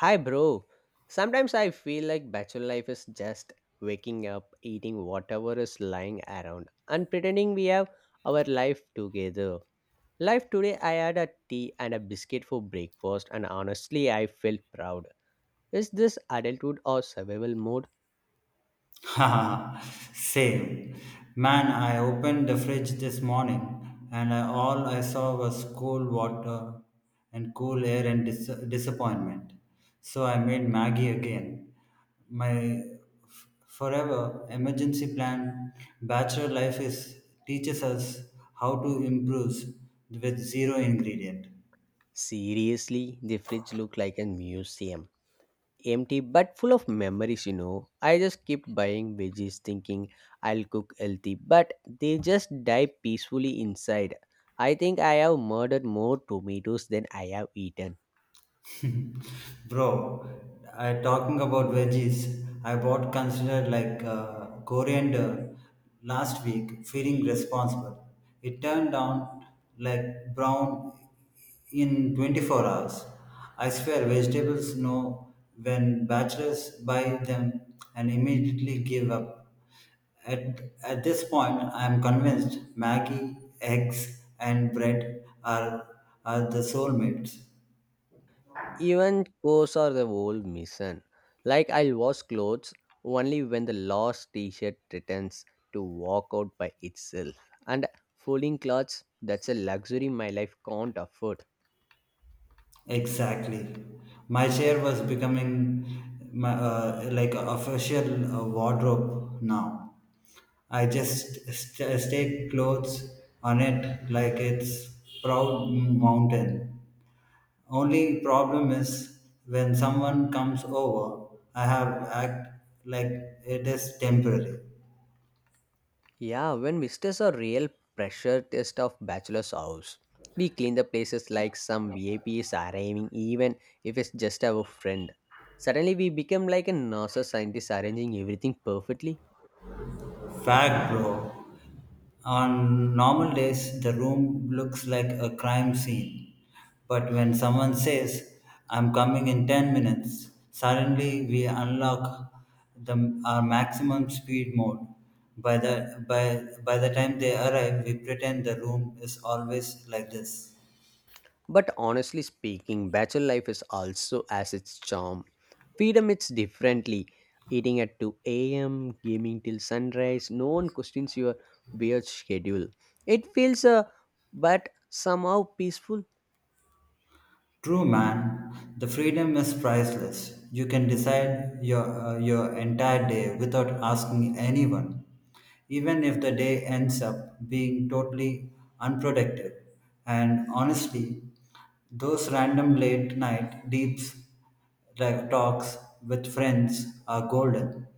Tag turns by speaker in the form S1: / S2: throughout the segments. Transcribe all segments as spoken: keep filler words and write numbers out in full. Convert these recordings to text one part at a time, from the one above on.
S1: Hi, bro. Sometimes I feel like bachelor life is just waking up, eating whatever is lying around, and pretending we have our life together. Life today, I had a tea and a biscuit for breakfast, and honestly, I felt proud. Is this adulthood or survival mode?
S2: Haha, same. Man, I opened the fridge this morning and I, all I saw was cold water and cool air and dis- disappointment. So I made Maggie again. My f- forever emergency plan. Bachelor Life is teaches us how to improve with zero ingredient.
S1: Seriously, the fridge looked like a museum, empty but full of memories you know I just kept buying veggies thinking I'll cook healthy, but they just die peacefully inside. I think I have murdered more tomatoes than I have eaten.
S2: Bro, I talking about veggies. I bought considered like uh, coriander last week, feeling responsible. It turned out like brown in twenty-four hours. I swear, vegetables know when bachelors buy them and immediately give up. At, at this point, I am convinced Maggie, eggs, and bread are, are the soulmates.
S1: Even clothes are the whole mission, like I'll wash clothes only when the lost t-shirt returns to walk out by itself, and folding clothes, that's a luxury my life can't afford.
S2: Exactly. My chair was becoming my, uh, like a official uh, wardrobe now. I just st- stake clothes on it like it's proud mountain. Only problem is when someone comes over, I have act like it is temporary.
S1: Yeah, when visitors are real pressure test of bachelor's house. We clean the places like some V I Ps are aiming even if it's just our friend. Suddenly we become like a NASA scientist arranging everything perfectly.
S2: Fact, bro. On normal days, the room looks like a crime scene. But when someone says, I'm coming in ten minutes, suddenly we unlock the, our maximum speed mode. By the, by, by the time they arrive, we pretend the room is always like this.
S1: But honestly speaking, bachelor life is also as its charm. Freedom it's differently. Eating at two a m, gaming till sunrise, no one questions your weird schedule. It feels uh, but somehow peaceful.
S2: True, man. The freedom is priceless. You can decide your uh, your entire day without asking anyone, even if the day ends up being totally unproductive. And honestly, those random late night deeps like talks with friends are golden.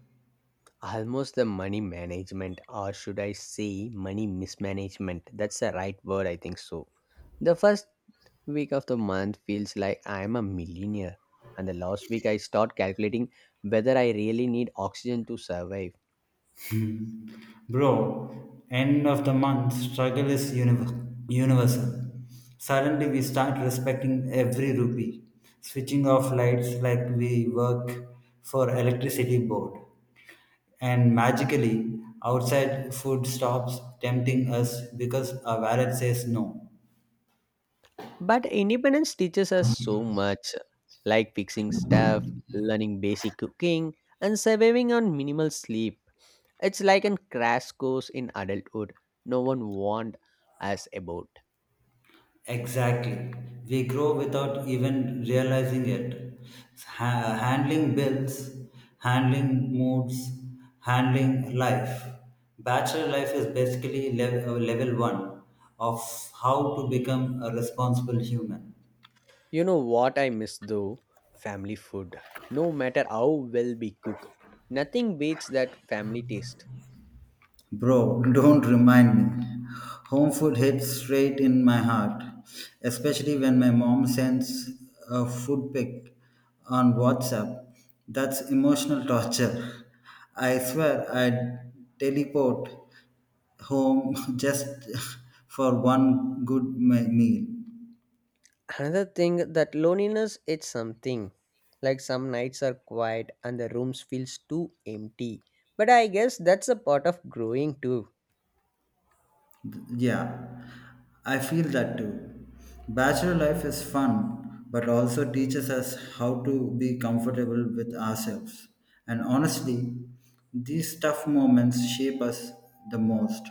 S1: Almost the money management, or should I say money mismanagement, that's the right word I think so. The first week of the month feels like I am a millionaire, and the last week I start calculating whether I really need oxygen to survive.
S2: Hmm. Bro, end of the month struggle is univer- universal. Suddenly we start respecting every rupee, switching off lights like we work for electricity board. And magically, outside food stops tempting us because our wallet says no.
S1: But independence teaches us so much, like fixing stuff, learning basic cooking, and surviving on minimal sleep. It's like a crash course in adulthood no one warned us about.
S2: Exactly. We grow without even realizing it. Ha- handling bills, handling moods, handling life. Bachelor life is basically level, level one of how to become a responsible human.
S1: You know what I miss though? Family food. No matter how well we cook, nothing beats that family taste.
S2: Bro, don't remind me. Home food hits straight in my heart, especially when my mom sends a food pic on WhatsApp. That's emotional torture. I swear I'd teleport home just for one good me- meal.
S1: Another thing that loneliness it's something. Like some nights are quiet and the rooms feels too empty. But I guess that's a part of growing too.
S2: Yeah, I feel that too. Bachelor life is fun, but also teaches us how to be comfortable with ourselves. And honestly, these tough moments shape us the most.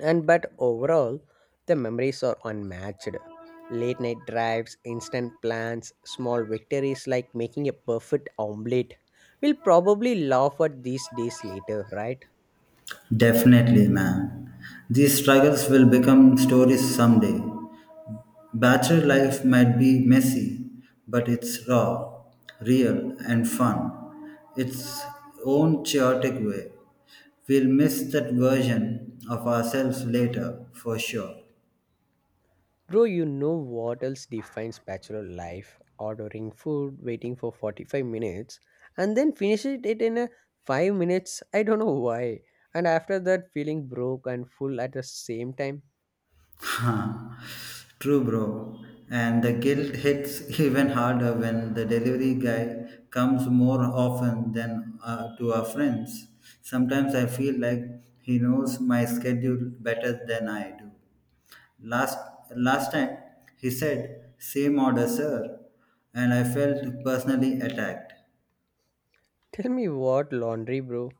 S1: And but overall, the memories are unmatched. Late night drives, instant plans, small victories like making a perfect omelette. We'll probably laugh at these days later, right?
S2: Definitely, man. These struggles will become stories someday. Bachelor life might be messy, but it's raw, real, and fun. Its own chaotic way. We'll miss that version of ourselves later, for sure.
S1: Bro, you know what else defines bachelor life? Ordering food, waiting for forty-five minutes, and then finish it it in a five minutes. I don't know why. And after that, feeling broke and full at the same time.
S2: Huh. True, bro. And the guilt hits even harder when the delivery guy comes more often than uh, to our friends. Sometimes I feel like he knows my schedule better than I do. Last last time he said, same order, sir, and I felt personally attacked.
S1: Tell me what laundry, bro.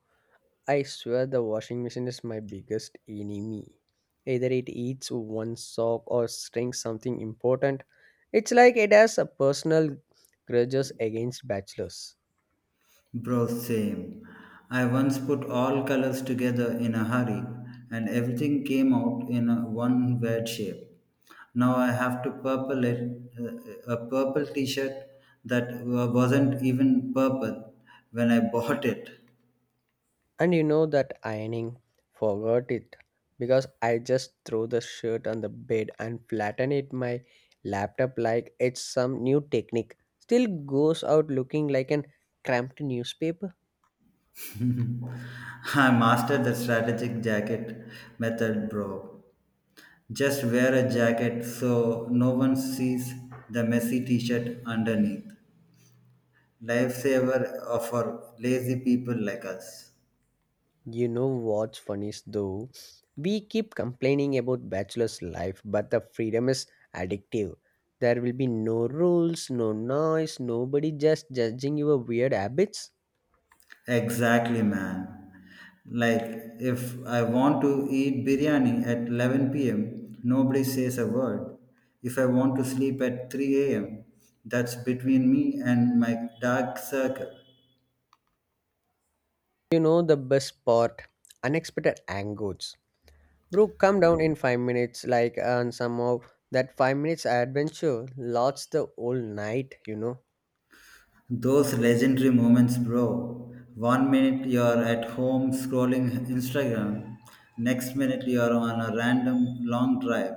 S1: I swear the washing machine is my biggest enemy. Either it eats one sock or strings something important. It's like it has a personal grudges against bachelors.
S2: Bro, same. I once put all colors together in a hurry and everything came out in a one weird shape. Now I have to purple it, uh, a purple t shirt that wa- wasn't even purple when I bought it.
S1: And you know that ironing forgot it because I just throw the shirt on the bed and flatten it my laptop like it's some new technique. Still goes out looking like an cramped newspaper.
S2: I mastered the strategic jacket method, bro. Just wear a jacket so no one sees the messy t shirt underneath. Lifesaver for lazy people like us.
S1: You know what's funny is though? We keep complaining about bachelor's life, but the freedom is addictive. There will be no rules, no noise, nobody just judging your weird habits.
S2: Exactly, man. Like, if I want to eat biryani at eleven p m, nobody says a word. If I want to sleep at three a m, that's between me and my dark circle.
S1: You know the best part unexpected angles. Bro, come down in five minutes, like, and somehow that five minutes adventure lasts the whole night, you know.
S2: Those legendary moments, bro. One minute you're at home scrolling Instagram, next minute you're on a random long drive.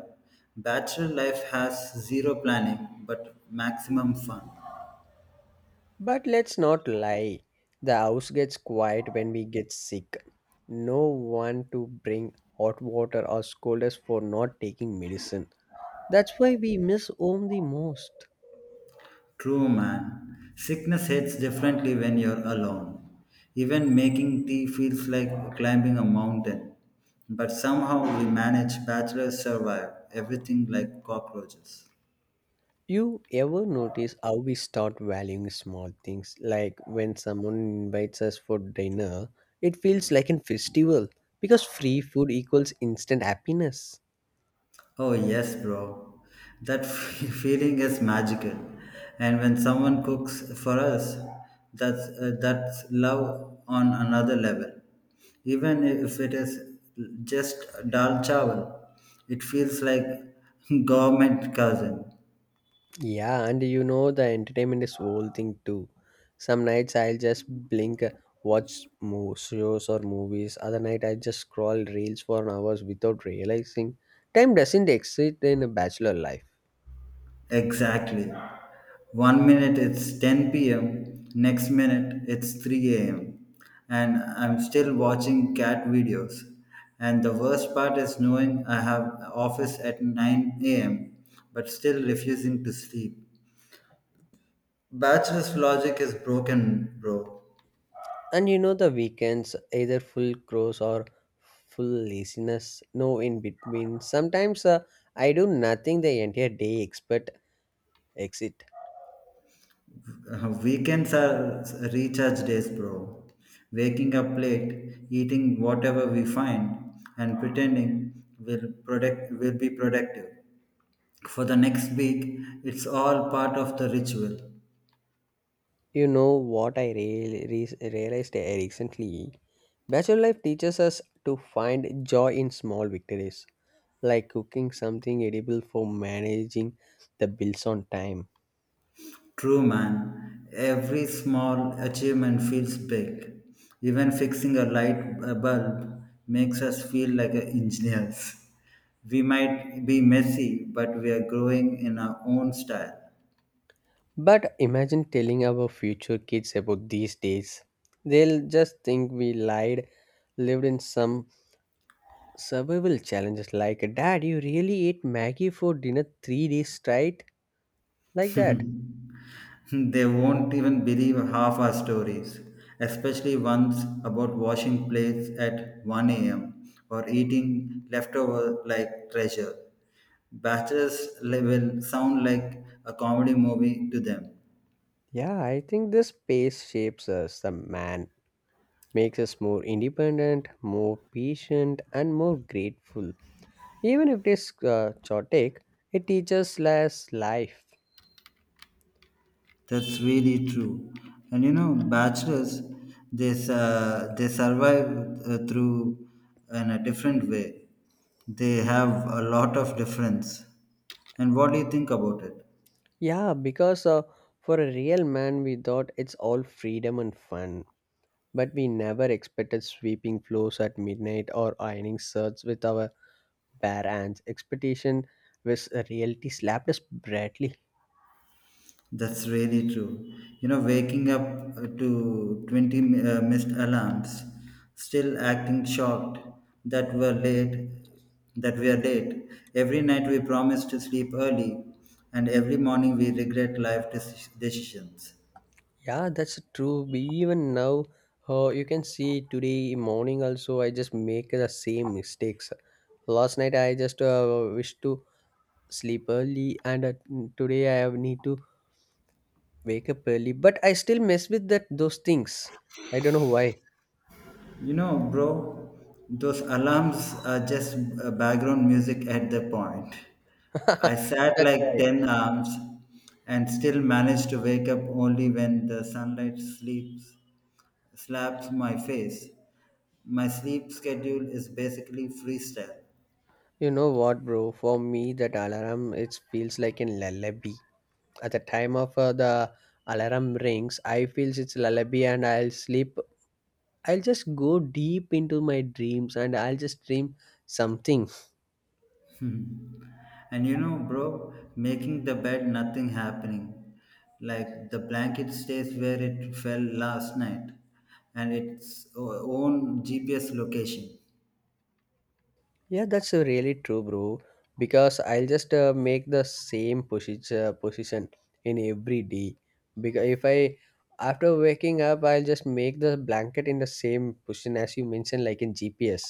S2: Bachelor life has zero planning but maximum fun.
S1: But let's not lie, the house gets quiet when we get sick. No one to bring hot water or scold us for not taking medicine. That's why we miss home the most.
S2: True, man. Sickness hits differently when you're alone. Even making tea feels like climbing a mountain. But somehow we manage bachelors survive everything like cockroaches.
S1: You ever notice how we start valuing small things? Like when someone invites us for dinner, it feels like a festival because free food equals instant happiness.
S2: Oh, yes, bro. That feeling is magical. And when someone cooks for us, that's, uh, that's love on another level. Even if it is just dal chawal, it feels like government cousin.
S1: Yeah, and you know the entertainment is whole thing too. Some nights I'll just blink, uh, watch mo- shows or movies. Other night I just scroll reels for hours without realizing. Time doesn't exist in a bachelor life.
S2: Exactly. One minute it's ten p m, next minute it's three a m, and I'm still watching cat videos. And the worst part is knowing I have office at nine a m, but still refusing to sleep. Bachelor's logic is broken, bro.
S1: And you know the weekends, either full cross or full laziness, no in between. Sometimes uh, I do nothing the entire day except exit.
S2: Uh, weekends are recharge days, bro. Waking up late, eating whatever we find, and pretending will product will be productive. For the next week, it's all part of the ritual.
S1: You know what I really re- realized recently? Bachelor life teaches us to find joy in small victories, like cooking something edible for managing the bills on time.
S2: True man, every small achievement feels big. Even fixing a light a bulb makes us feel like a engineers. We might be messy, but we are growing in our own style.
S1: But imagine telling our future kids about these days. They'll just think we lied lived in some survival challenges like, "Dad, you really ate Maggie for dinner three days straight?" Like that.
S2: They won't even believe half our stories, especially ones about washing plates at one a m or eating leftover like treasure. Bachelors li- will sound like a comedy movie to them.
S1: Yeah, I think this pace shapes us, the man. Makes us more independent, more patient, and more grateful. Even if it is uh, chaotic, it teaches us life.
S2: That's really true. And you know, bachelors, they, uh, they survive uh, through in a different way. They have a lot of difference. And what do you think about it?
S1: Yeah, because uh, for a real man, we thought it's all freedom and fun. But we never expected sweeping floors at midnight or ironing shirts with our bare expectation was a reality slapped us brightly.
S2: That's really true. You know, waking up uh, to twenty mi- uh, missed alarms, still acting shocked that we're late, that we are late. Every night we promise to sleep early, and every morning we regret life deci- decisions.
S1: Yeah, that's true. We even now, uh, you can see today morning also, I just make the same mistakes. Last night I just uh, wish to sleep early, and uh, today I have need to wake up early. But I still mess with that those things. I don't know why.
S2: You know, bro, those alarms are just uh, background music at the point. I sat
S1: That's
S2: like
S1: right.
S2: ten hours and still managed to wake up only when the sunlight sleeps slaps my face. My sleep schedule is basically freestyle.
S1: You know what, bro? For me, that alarm it feels like a lullaby. At the time of uh, the alarm rings I feels it's lullaby and I'll sleep. I'll just go deep into my dreams and I'll just dream something.
S2: And you know, bro, making the bed nothing happening. Like the blanket stays where it fell last night and its o- own G P S location.
S1: Yeah, that's uh, really true, bro. Because I'll just uh, make the same position uh, position in every day. Because if I, after waking up, I'll just make the blanket in the same position as you mentioned, like in GPS.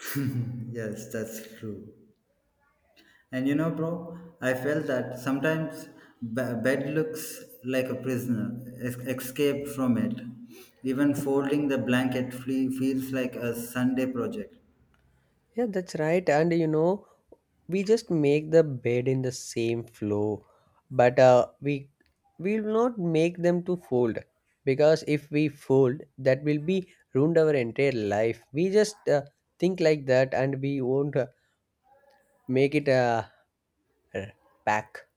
S2: Yes, that's true. And you know, bro, I felt that sometimes b- bed looks like a prisoner, es- escape from it. Even folding the blanket flee- feels like a Sunday project.
S1: Yeah, that's right. And you know, we just make the bed in the same flow, but uh, we will not make them to fold, because if we fold, that will be ruined our entire life. We just uh, think like that, and we won't uh, make it uh, uh, back.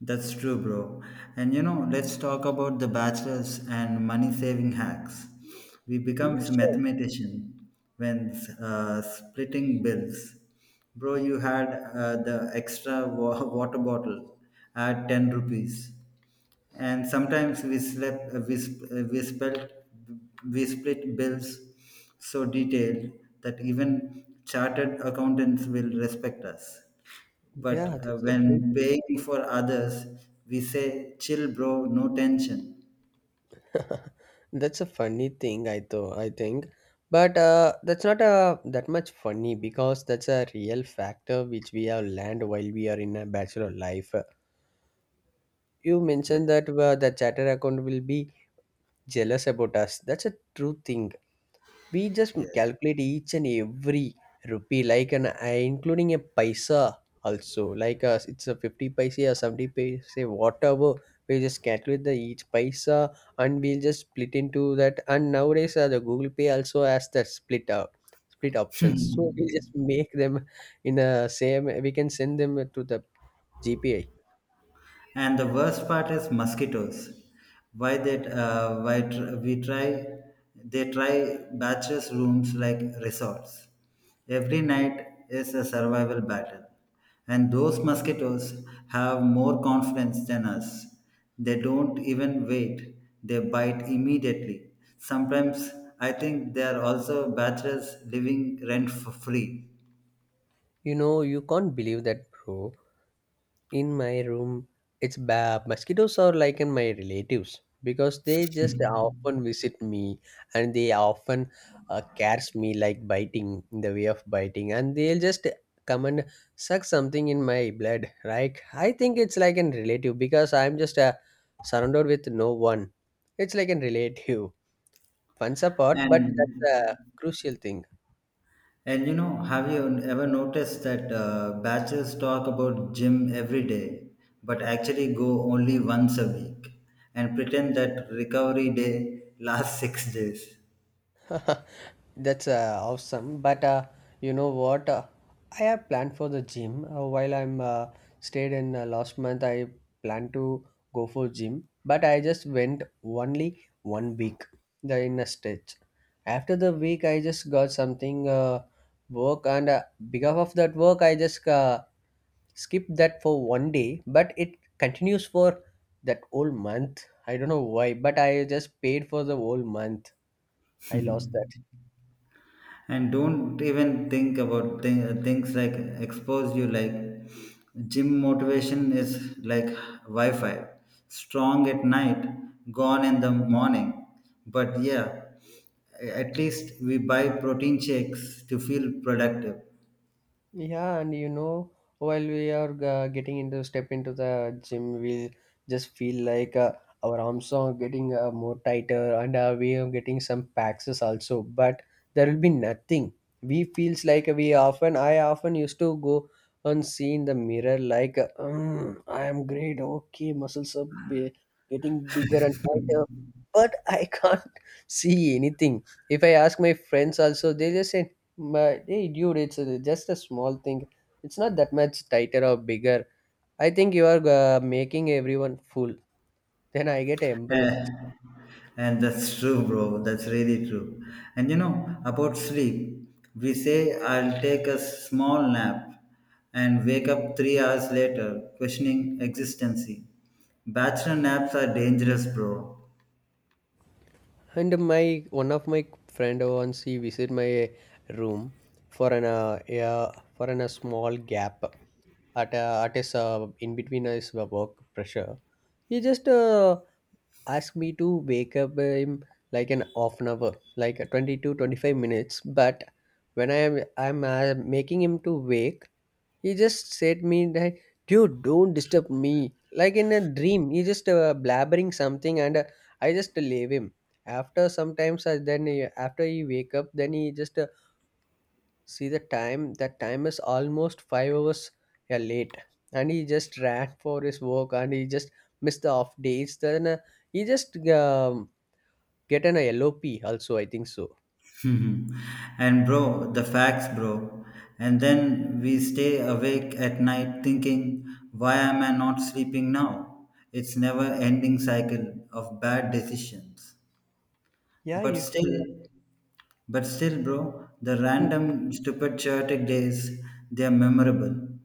S2: That's true, bro. And you know, let's talk about the bachelors and money saving hacks. We become
S1: Yeah, sure.
S2: mathematician when uh, splitting bills. Bro, you had uh, the extra wa- water bottle at ten rupees and sometimes we slept we, sp- uh, we spelt we split bills so detailed that even chartered accountants will respect us, but
S1: Yeah,
S2: uh,
S1: that's a
S2: when
S1: rule.
S2: paying for others we say chill bro no tension.
S1: That's a funny thing I thought i think, but uh, that's not a that much funny because that's a real factor which we have learned while we are in a bachelor life. You
S2: Yes
S1: mentioned that uh, the chatter account will be jealous about us, that's a true thing. We just
S2: yes.
S1: calculate each and every rupee, like an uh, including a paisa also, like uh, it's a fifty paisa or seventy paisa, whatever. We just calculate the each paisa and we'll just split into that. And nowadays, uh, the Google Pay also has that split up. Split options, so we just make them in a same. We can send them to the G P A.
S2: And the worst part is mosquitoes. Why that? Uh, why tr- we try? They try bachelor's rooms like resorts. Every night is a survival battle, and those mosquitoes have more confidence than us. They don't even wait. They bite immediately. Sometimes I think they are also bachelors living rent for free.
S1: You know, you can't believe that, bro. In my room it's bad, mosquitoes are like in my relatives because they just often visit me and they often uh, catch me like biting in the way of biting and they'll just come and suck something in my blood, right? I think it's like an relative because I'm just uh, surrounded with no one. It's like an relative. Fun apart, but
S2: And
S1: that's a crucial thing.
S2: And you know, have you ever noticed that uh, bachelors talk about gym every day, but actually go only once a week and pretend that recovery day lasts six days,
S1: That's uh, awesome. But uh, you know what? Uh, I have planned for the gym. Uh, while I'm uh, stayed in uh, last month, I planned to go for gym. But I just went only one week, the inner stretch. After the week, I just got something uh, work, and uh, because of that work, I just uh, skipped that for one day. But it continues for that whole month. I don't know why, but I just paid for the whole month. I lost that.
S2: and don't even think about th- things like expose you like gym motivation is like Wi Fi, strong at night, gone in the morning. But yeah, at least we buy protein shakes to feel productive.
S1: Yeah, and you know, while we are uh, getting into step into the gym, we'll just feel like uh, our arms are getting uh, more tighter, and uh, we are getting some packs also. But there will be nothing. We feels like we often. I often used to go and see in the mirror like, "Mm, I am great. Okay, muscles are be- getting bigger and tighter, but I can't see anything." If I ask my friends also, they just say, "But hey, dude, it's uh, just a small thing. It's not that much tighter or bigger. I think you are uh, making everyone fool." Then I get
S2: Eh,
S1: embarrassed.
S2: and that's true, bro. That's really true. And you know, about sleep, we say, I'll take a small nap and wake up three hours later, questioning existency. Bachelor naps are dangerous, bro.
S1: And my one of my friend once he visit my room for an uh, yeah, for an a small gap at a at his uh, in between his work pressure. He just uh, asked me to wake up him like an half an hour, like twenty to twenty-five minutes. But when I am I'm uh, making him to wake, he just said me that, "Dude, don't disturb me." Like in a dream, he just uh, blabbering something, and uh, I just leave him. After sometimes, I then he- after he wake up, then he just uh, see the time. That time is almost five hours yeah, late, and he just ran for his work, and he just missed the off days. Then uh, he just um, get an L O P also. I think so.
S2: Mhm. And bro, the facts, bro. And then we stay awake at night thinking, why am I not sleeping now? It's never ending cycle of bad decisions.
S1: Yeah,
S2: But
S1: you think.
S2: still, But still, bro, the
S1: Hmm.
S2: random stupid chaotic days, they are memorable.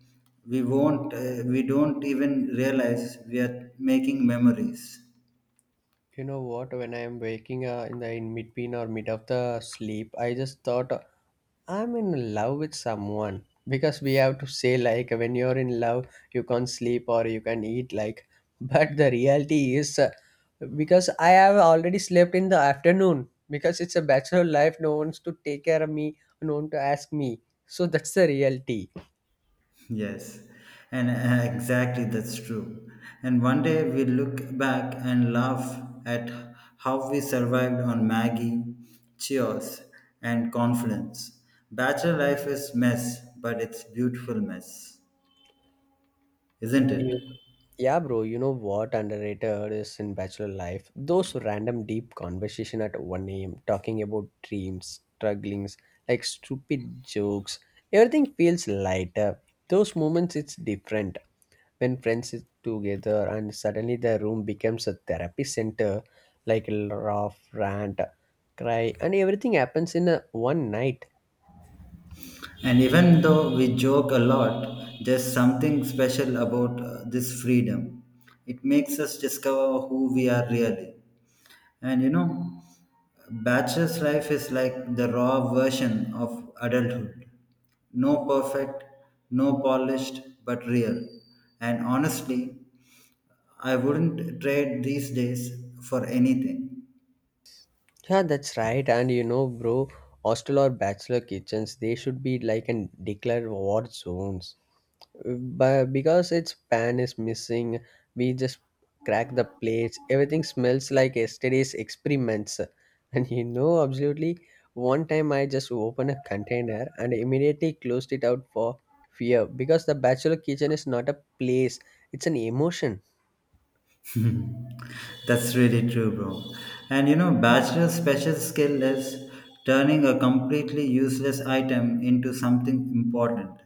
S2: We won't, uh, we don't even realize we are making memories.
S1: You know what? When I am waking uh, in the in between or mid of the sleep, I just thought I'm in love with someone because we have to say like when you're in love you can't sleep or you can eat, like but the reality is uh, because I have already slept in the afternoon because it's a bachelor life, no one's to take care of me, no one to ask me, so that's the reality.
S2: Yes, and uh, exactly that's true. And one day we look back and laugh at how we survived on Maggie, Cheers, and confidence. Bachelor life is mess, but it's beautiful mess, isn't
S1: You,
S2: it?
S1: yeah, bro, you know what underrated is in bachelor life? Those random deep conversation at one a m talking about dreams, strugglings, like stupid jokes. Everything feels lighter. Those moments it's different. When friends sit together and suddenly the room becomes a therapy center, like laugh, rant, cry, and everything happens in a one night.
S2: And even though we joke a lot, there's something special about uh, this freedom. It makes us discover who we are really. And you know, bachelor's life is like the raw version of adulthood. No perfect, no polished, but real. And honestly, I wouldn't trade these days for anything.
S1: Yeah, that's right. And you know, bro, hostel or bachelor kitchens, they should be like and declared war zones. But because its pan is missing, we just crack the plates. Everything smells like yesterday's experiments. And you know, absolutely, one time I just opened a container and immediately closed it out for fear, because the bachelor kitchen is not a place; it's an emotion.
S2: That's really true, bro. And you know, bachelor's special skill is turning a completely useless item into something important.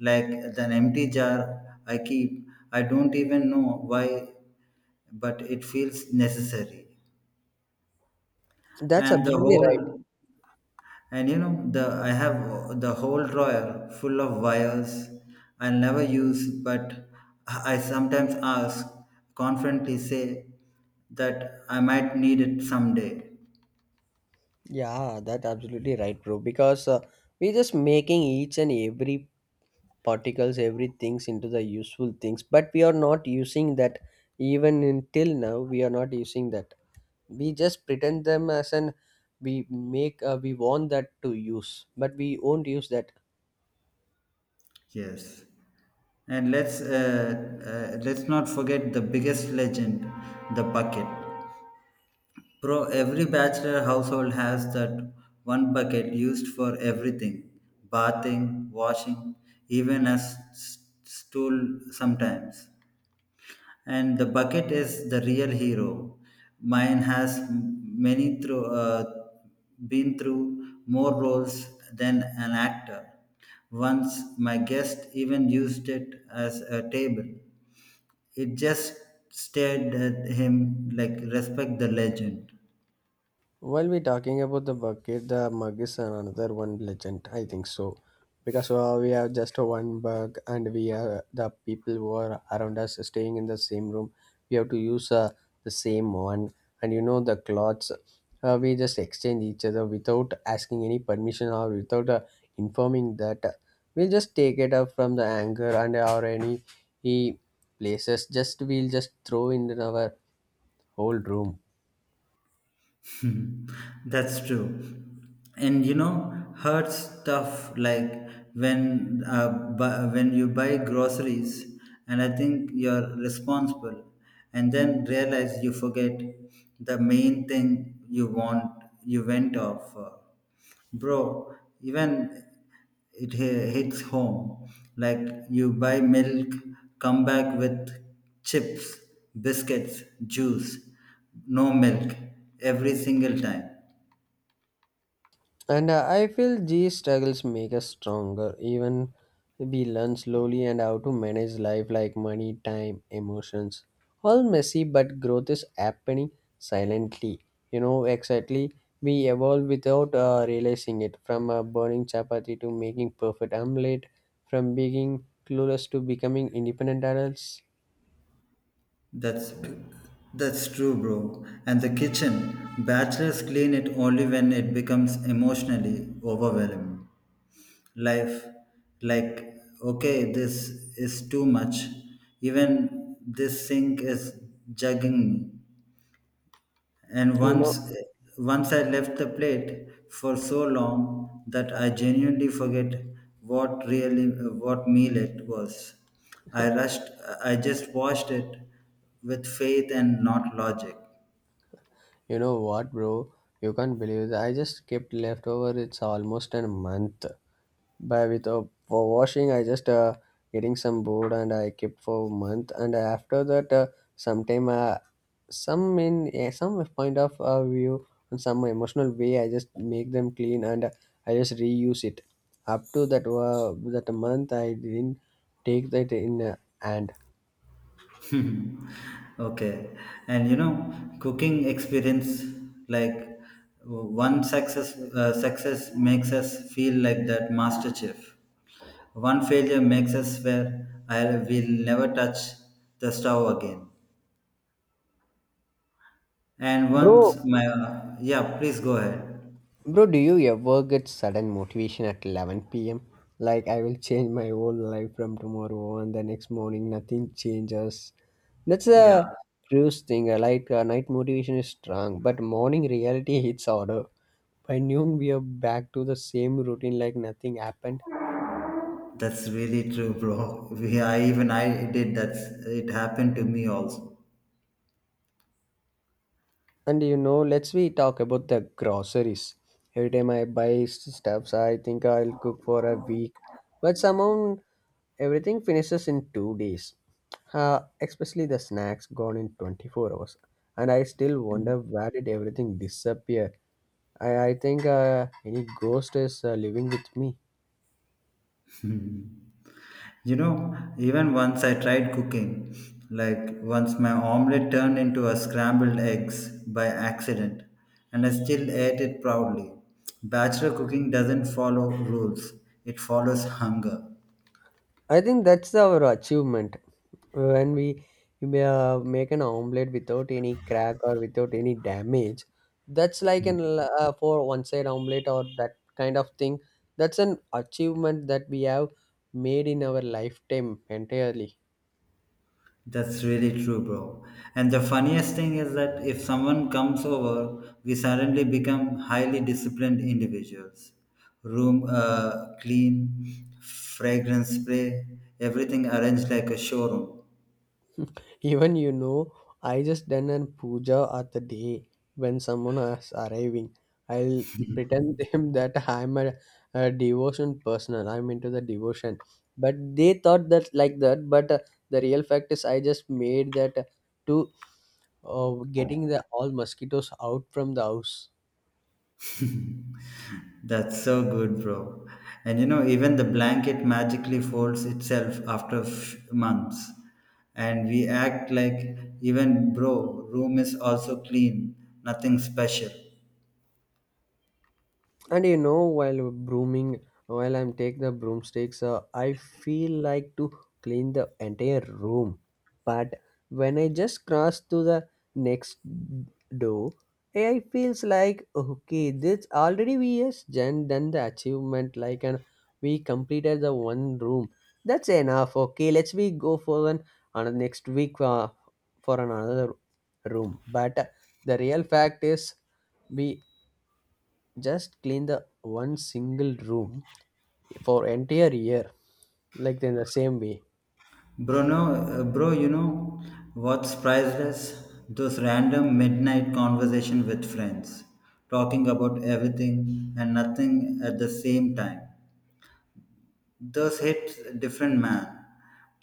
S2: Like an empty jar I keep, I don't even know why, but it feels necessary.
S1: That's
S2: And the
S1: absolutely right.
S2: whole and you know, the I have the whole drawer full of wires I never use, but I sometimes ask confidently say that I might need it someday.
S1: Yeah, that absolutely right, bro. Because uh, we're just making each and every particles, every things into the useful things, but we are not using that. Even until now, we are not using that. We just pretend them as an we make uh, we want that to use, but we won't use that.
S2: Yes, and let's uh, uh, let's not forget the biggest legend, the bucket. Bro, every bachelor household has that one bucket used for everything, bathing, washing, even a s- s- stool sometimes. And the bucket is the real hero. Mine has m- many through, uh, been through more roles than an actor. Once my guest even used it as a table. It just stared at him like respect the legend.
S1: While we're talking about the bucket, the mug is another one legend, I think so. Because uh, we have just one mug and we are the people who are around us staying in the same room. We have to use uh, the same one. And you know, the clothes, uh, we just exchange each other without asking any permission or without uh, informing that. We'll just take it up from the anger and or any any places. Just we'll just throw in our whole room.
S2: Hmm, that's true. And you know, hurts tough like when uh, bu- when you buy groceries and I think you're responsible and then realize you forget the main thing you want you went off for. Bro, even it hi- hits home. Like you buy milk, come back with chips, biscuits, juice, no milk every single time.
S1: And uh, I feel these struggles make us stronger, even we learn slowly and how to manage life like money, time, emotions. All messy, but growth is happening silently. You know, exactly. We evolve without uh, realizing it. From uh, burning chapati to making perfect omelette, from being clueless to becoming independent adults.
S2: That's that's true, bro. And the kitchen, bachelors clean it only when it becomes emotionally overwhelming. Life, like, okay, this is too much. Even this sink is jugging me. And
S1: You know,
S2: once once I left the plate for so long that I genuinely forget what really what meal it was. I rushed I just watched it with faith and not logic.
S1: you know what, bro? You can't believe that I just kept leftover. It's almost a month, by without for washing. I just uh, getting some board and I kept for a month, and after that uh, sometime uh, some in uh, some point of uh, view and some emotional way, I just make them clean and uh, I just reuse it up to that uh, that month I didn't take that in uh, hand.
S2: Hmm. Okay. And you know, cooking experience like one success uh, success makes us feel like that master chef. One failure makes us swear I will never touch the stove again. And
S1: Bro,
S2: once my, yeah, please go ahead.
S1: bro, do you ever get sudden motivation at eleven p.m like I will change my whole life from tomorrow, and the next morning nothing changes. That's
S2: Yeah,
S1: a cruise thing. uh, Like uh, night motivation is strong, but morning reality hits harder. By noon, we are back to the same routine like nothing happened.
S2: that's really true, bro. We, I even I did that. It happened to me also.
S1: And you know, let's we talk about the groceries. Every time I buy stuffs, I think I'll cook for a week, but somehow everything finishes in two days. Uh, especially the snacks gone in twenty-four hours, and I still wonder where did everything disappear. I I think uh, any ghost is uh, living with me.
S2: You know, even once I tried cooking, like once my omelette turned into a scrambled eggs by accident, and I still ate it proudly. Bachelor cooking doesn't follow rules; it follows hunger.
S1: I think that's our achievement when we uh, make an omelette without any crack or without any damage. That's like an uh, for one side omelette or that kind of thing. That's an achievement that we have made in our lifetime entirely.
S2: That's really true, bro. And the funniest thing is that if someone comes over, we suddenly become highly disciplined individuals. Room uh, clean, fragrance spray, everything arranged like a showroom.
S1: Even you know, I just done a puja at the day when someone is arriving. I'll pretend them that I'm a, a devotion person. I'm into the devotion, but they thought that like that. But uh, the real fact is, I just made that uh, to uh, getting the all mosquitoes out from the house.
S2: That's so good, bro. And you know, even the blanket magically folds itself after f- months. And we act like, even, bro, room is also clean, nothing special.
S1: And you know while brooming, while I'm take the broomsticks, uh, I feel like to clean the entire room, but when I just cross to the next door, I feels like okay this already we has done done the achievement like, and we completed the one room, that's enough, okay let's we go for an another next week uh, for another room. But uh, the real fact is we just clean the one single room for entire year, like in the same way.
S2: Bro, no, uh, Bro, you know what's priceless? Those random midnight conversation with friends, talking about everything and nothing at the same time. Those hit different man.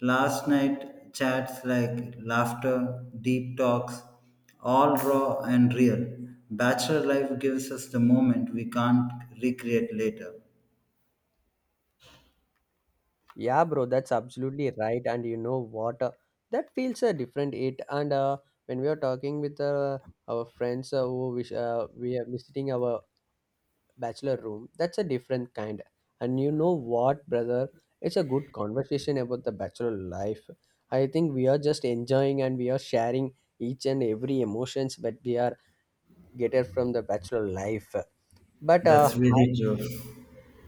S2: Last night chats like laughter, deep talks, all raw and real. Bachelor life gives us the moment we can't recreate later.
S1: Yeah, bro, that's absolutely right. And you know what, uh, that feels a different it. And uh, when we are talking with uh, our friends uh, who wish uh, we are visiting our bachelor room, that's a different kind. And you know what, brother, it's a good conversation about the bachelor life. I think we are just enjoying and we are sharing each and every emotions that we are get from the bachelor life. But uh,
S2: That's
S1: I-
S2: really true.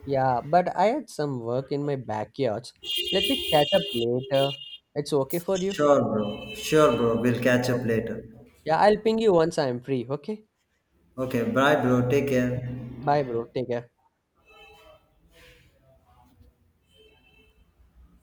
S1: yeah, but I had some work in my backyard. Let me catch up later. It's okay for you?
S2: Sure, bro. Sure, bro. We'll catch up later.
S1: Yeah, I'll ping you once I'm free. Okay.
S2: Okay, bye, bro. Take care.
S1: Bye, bro. Take care.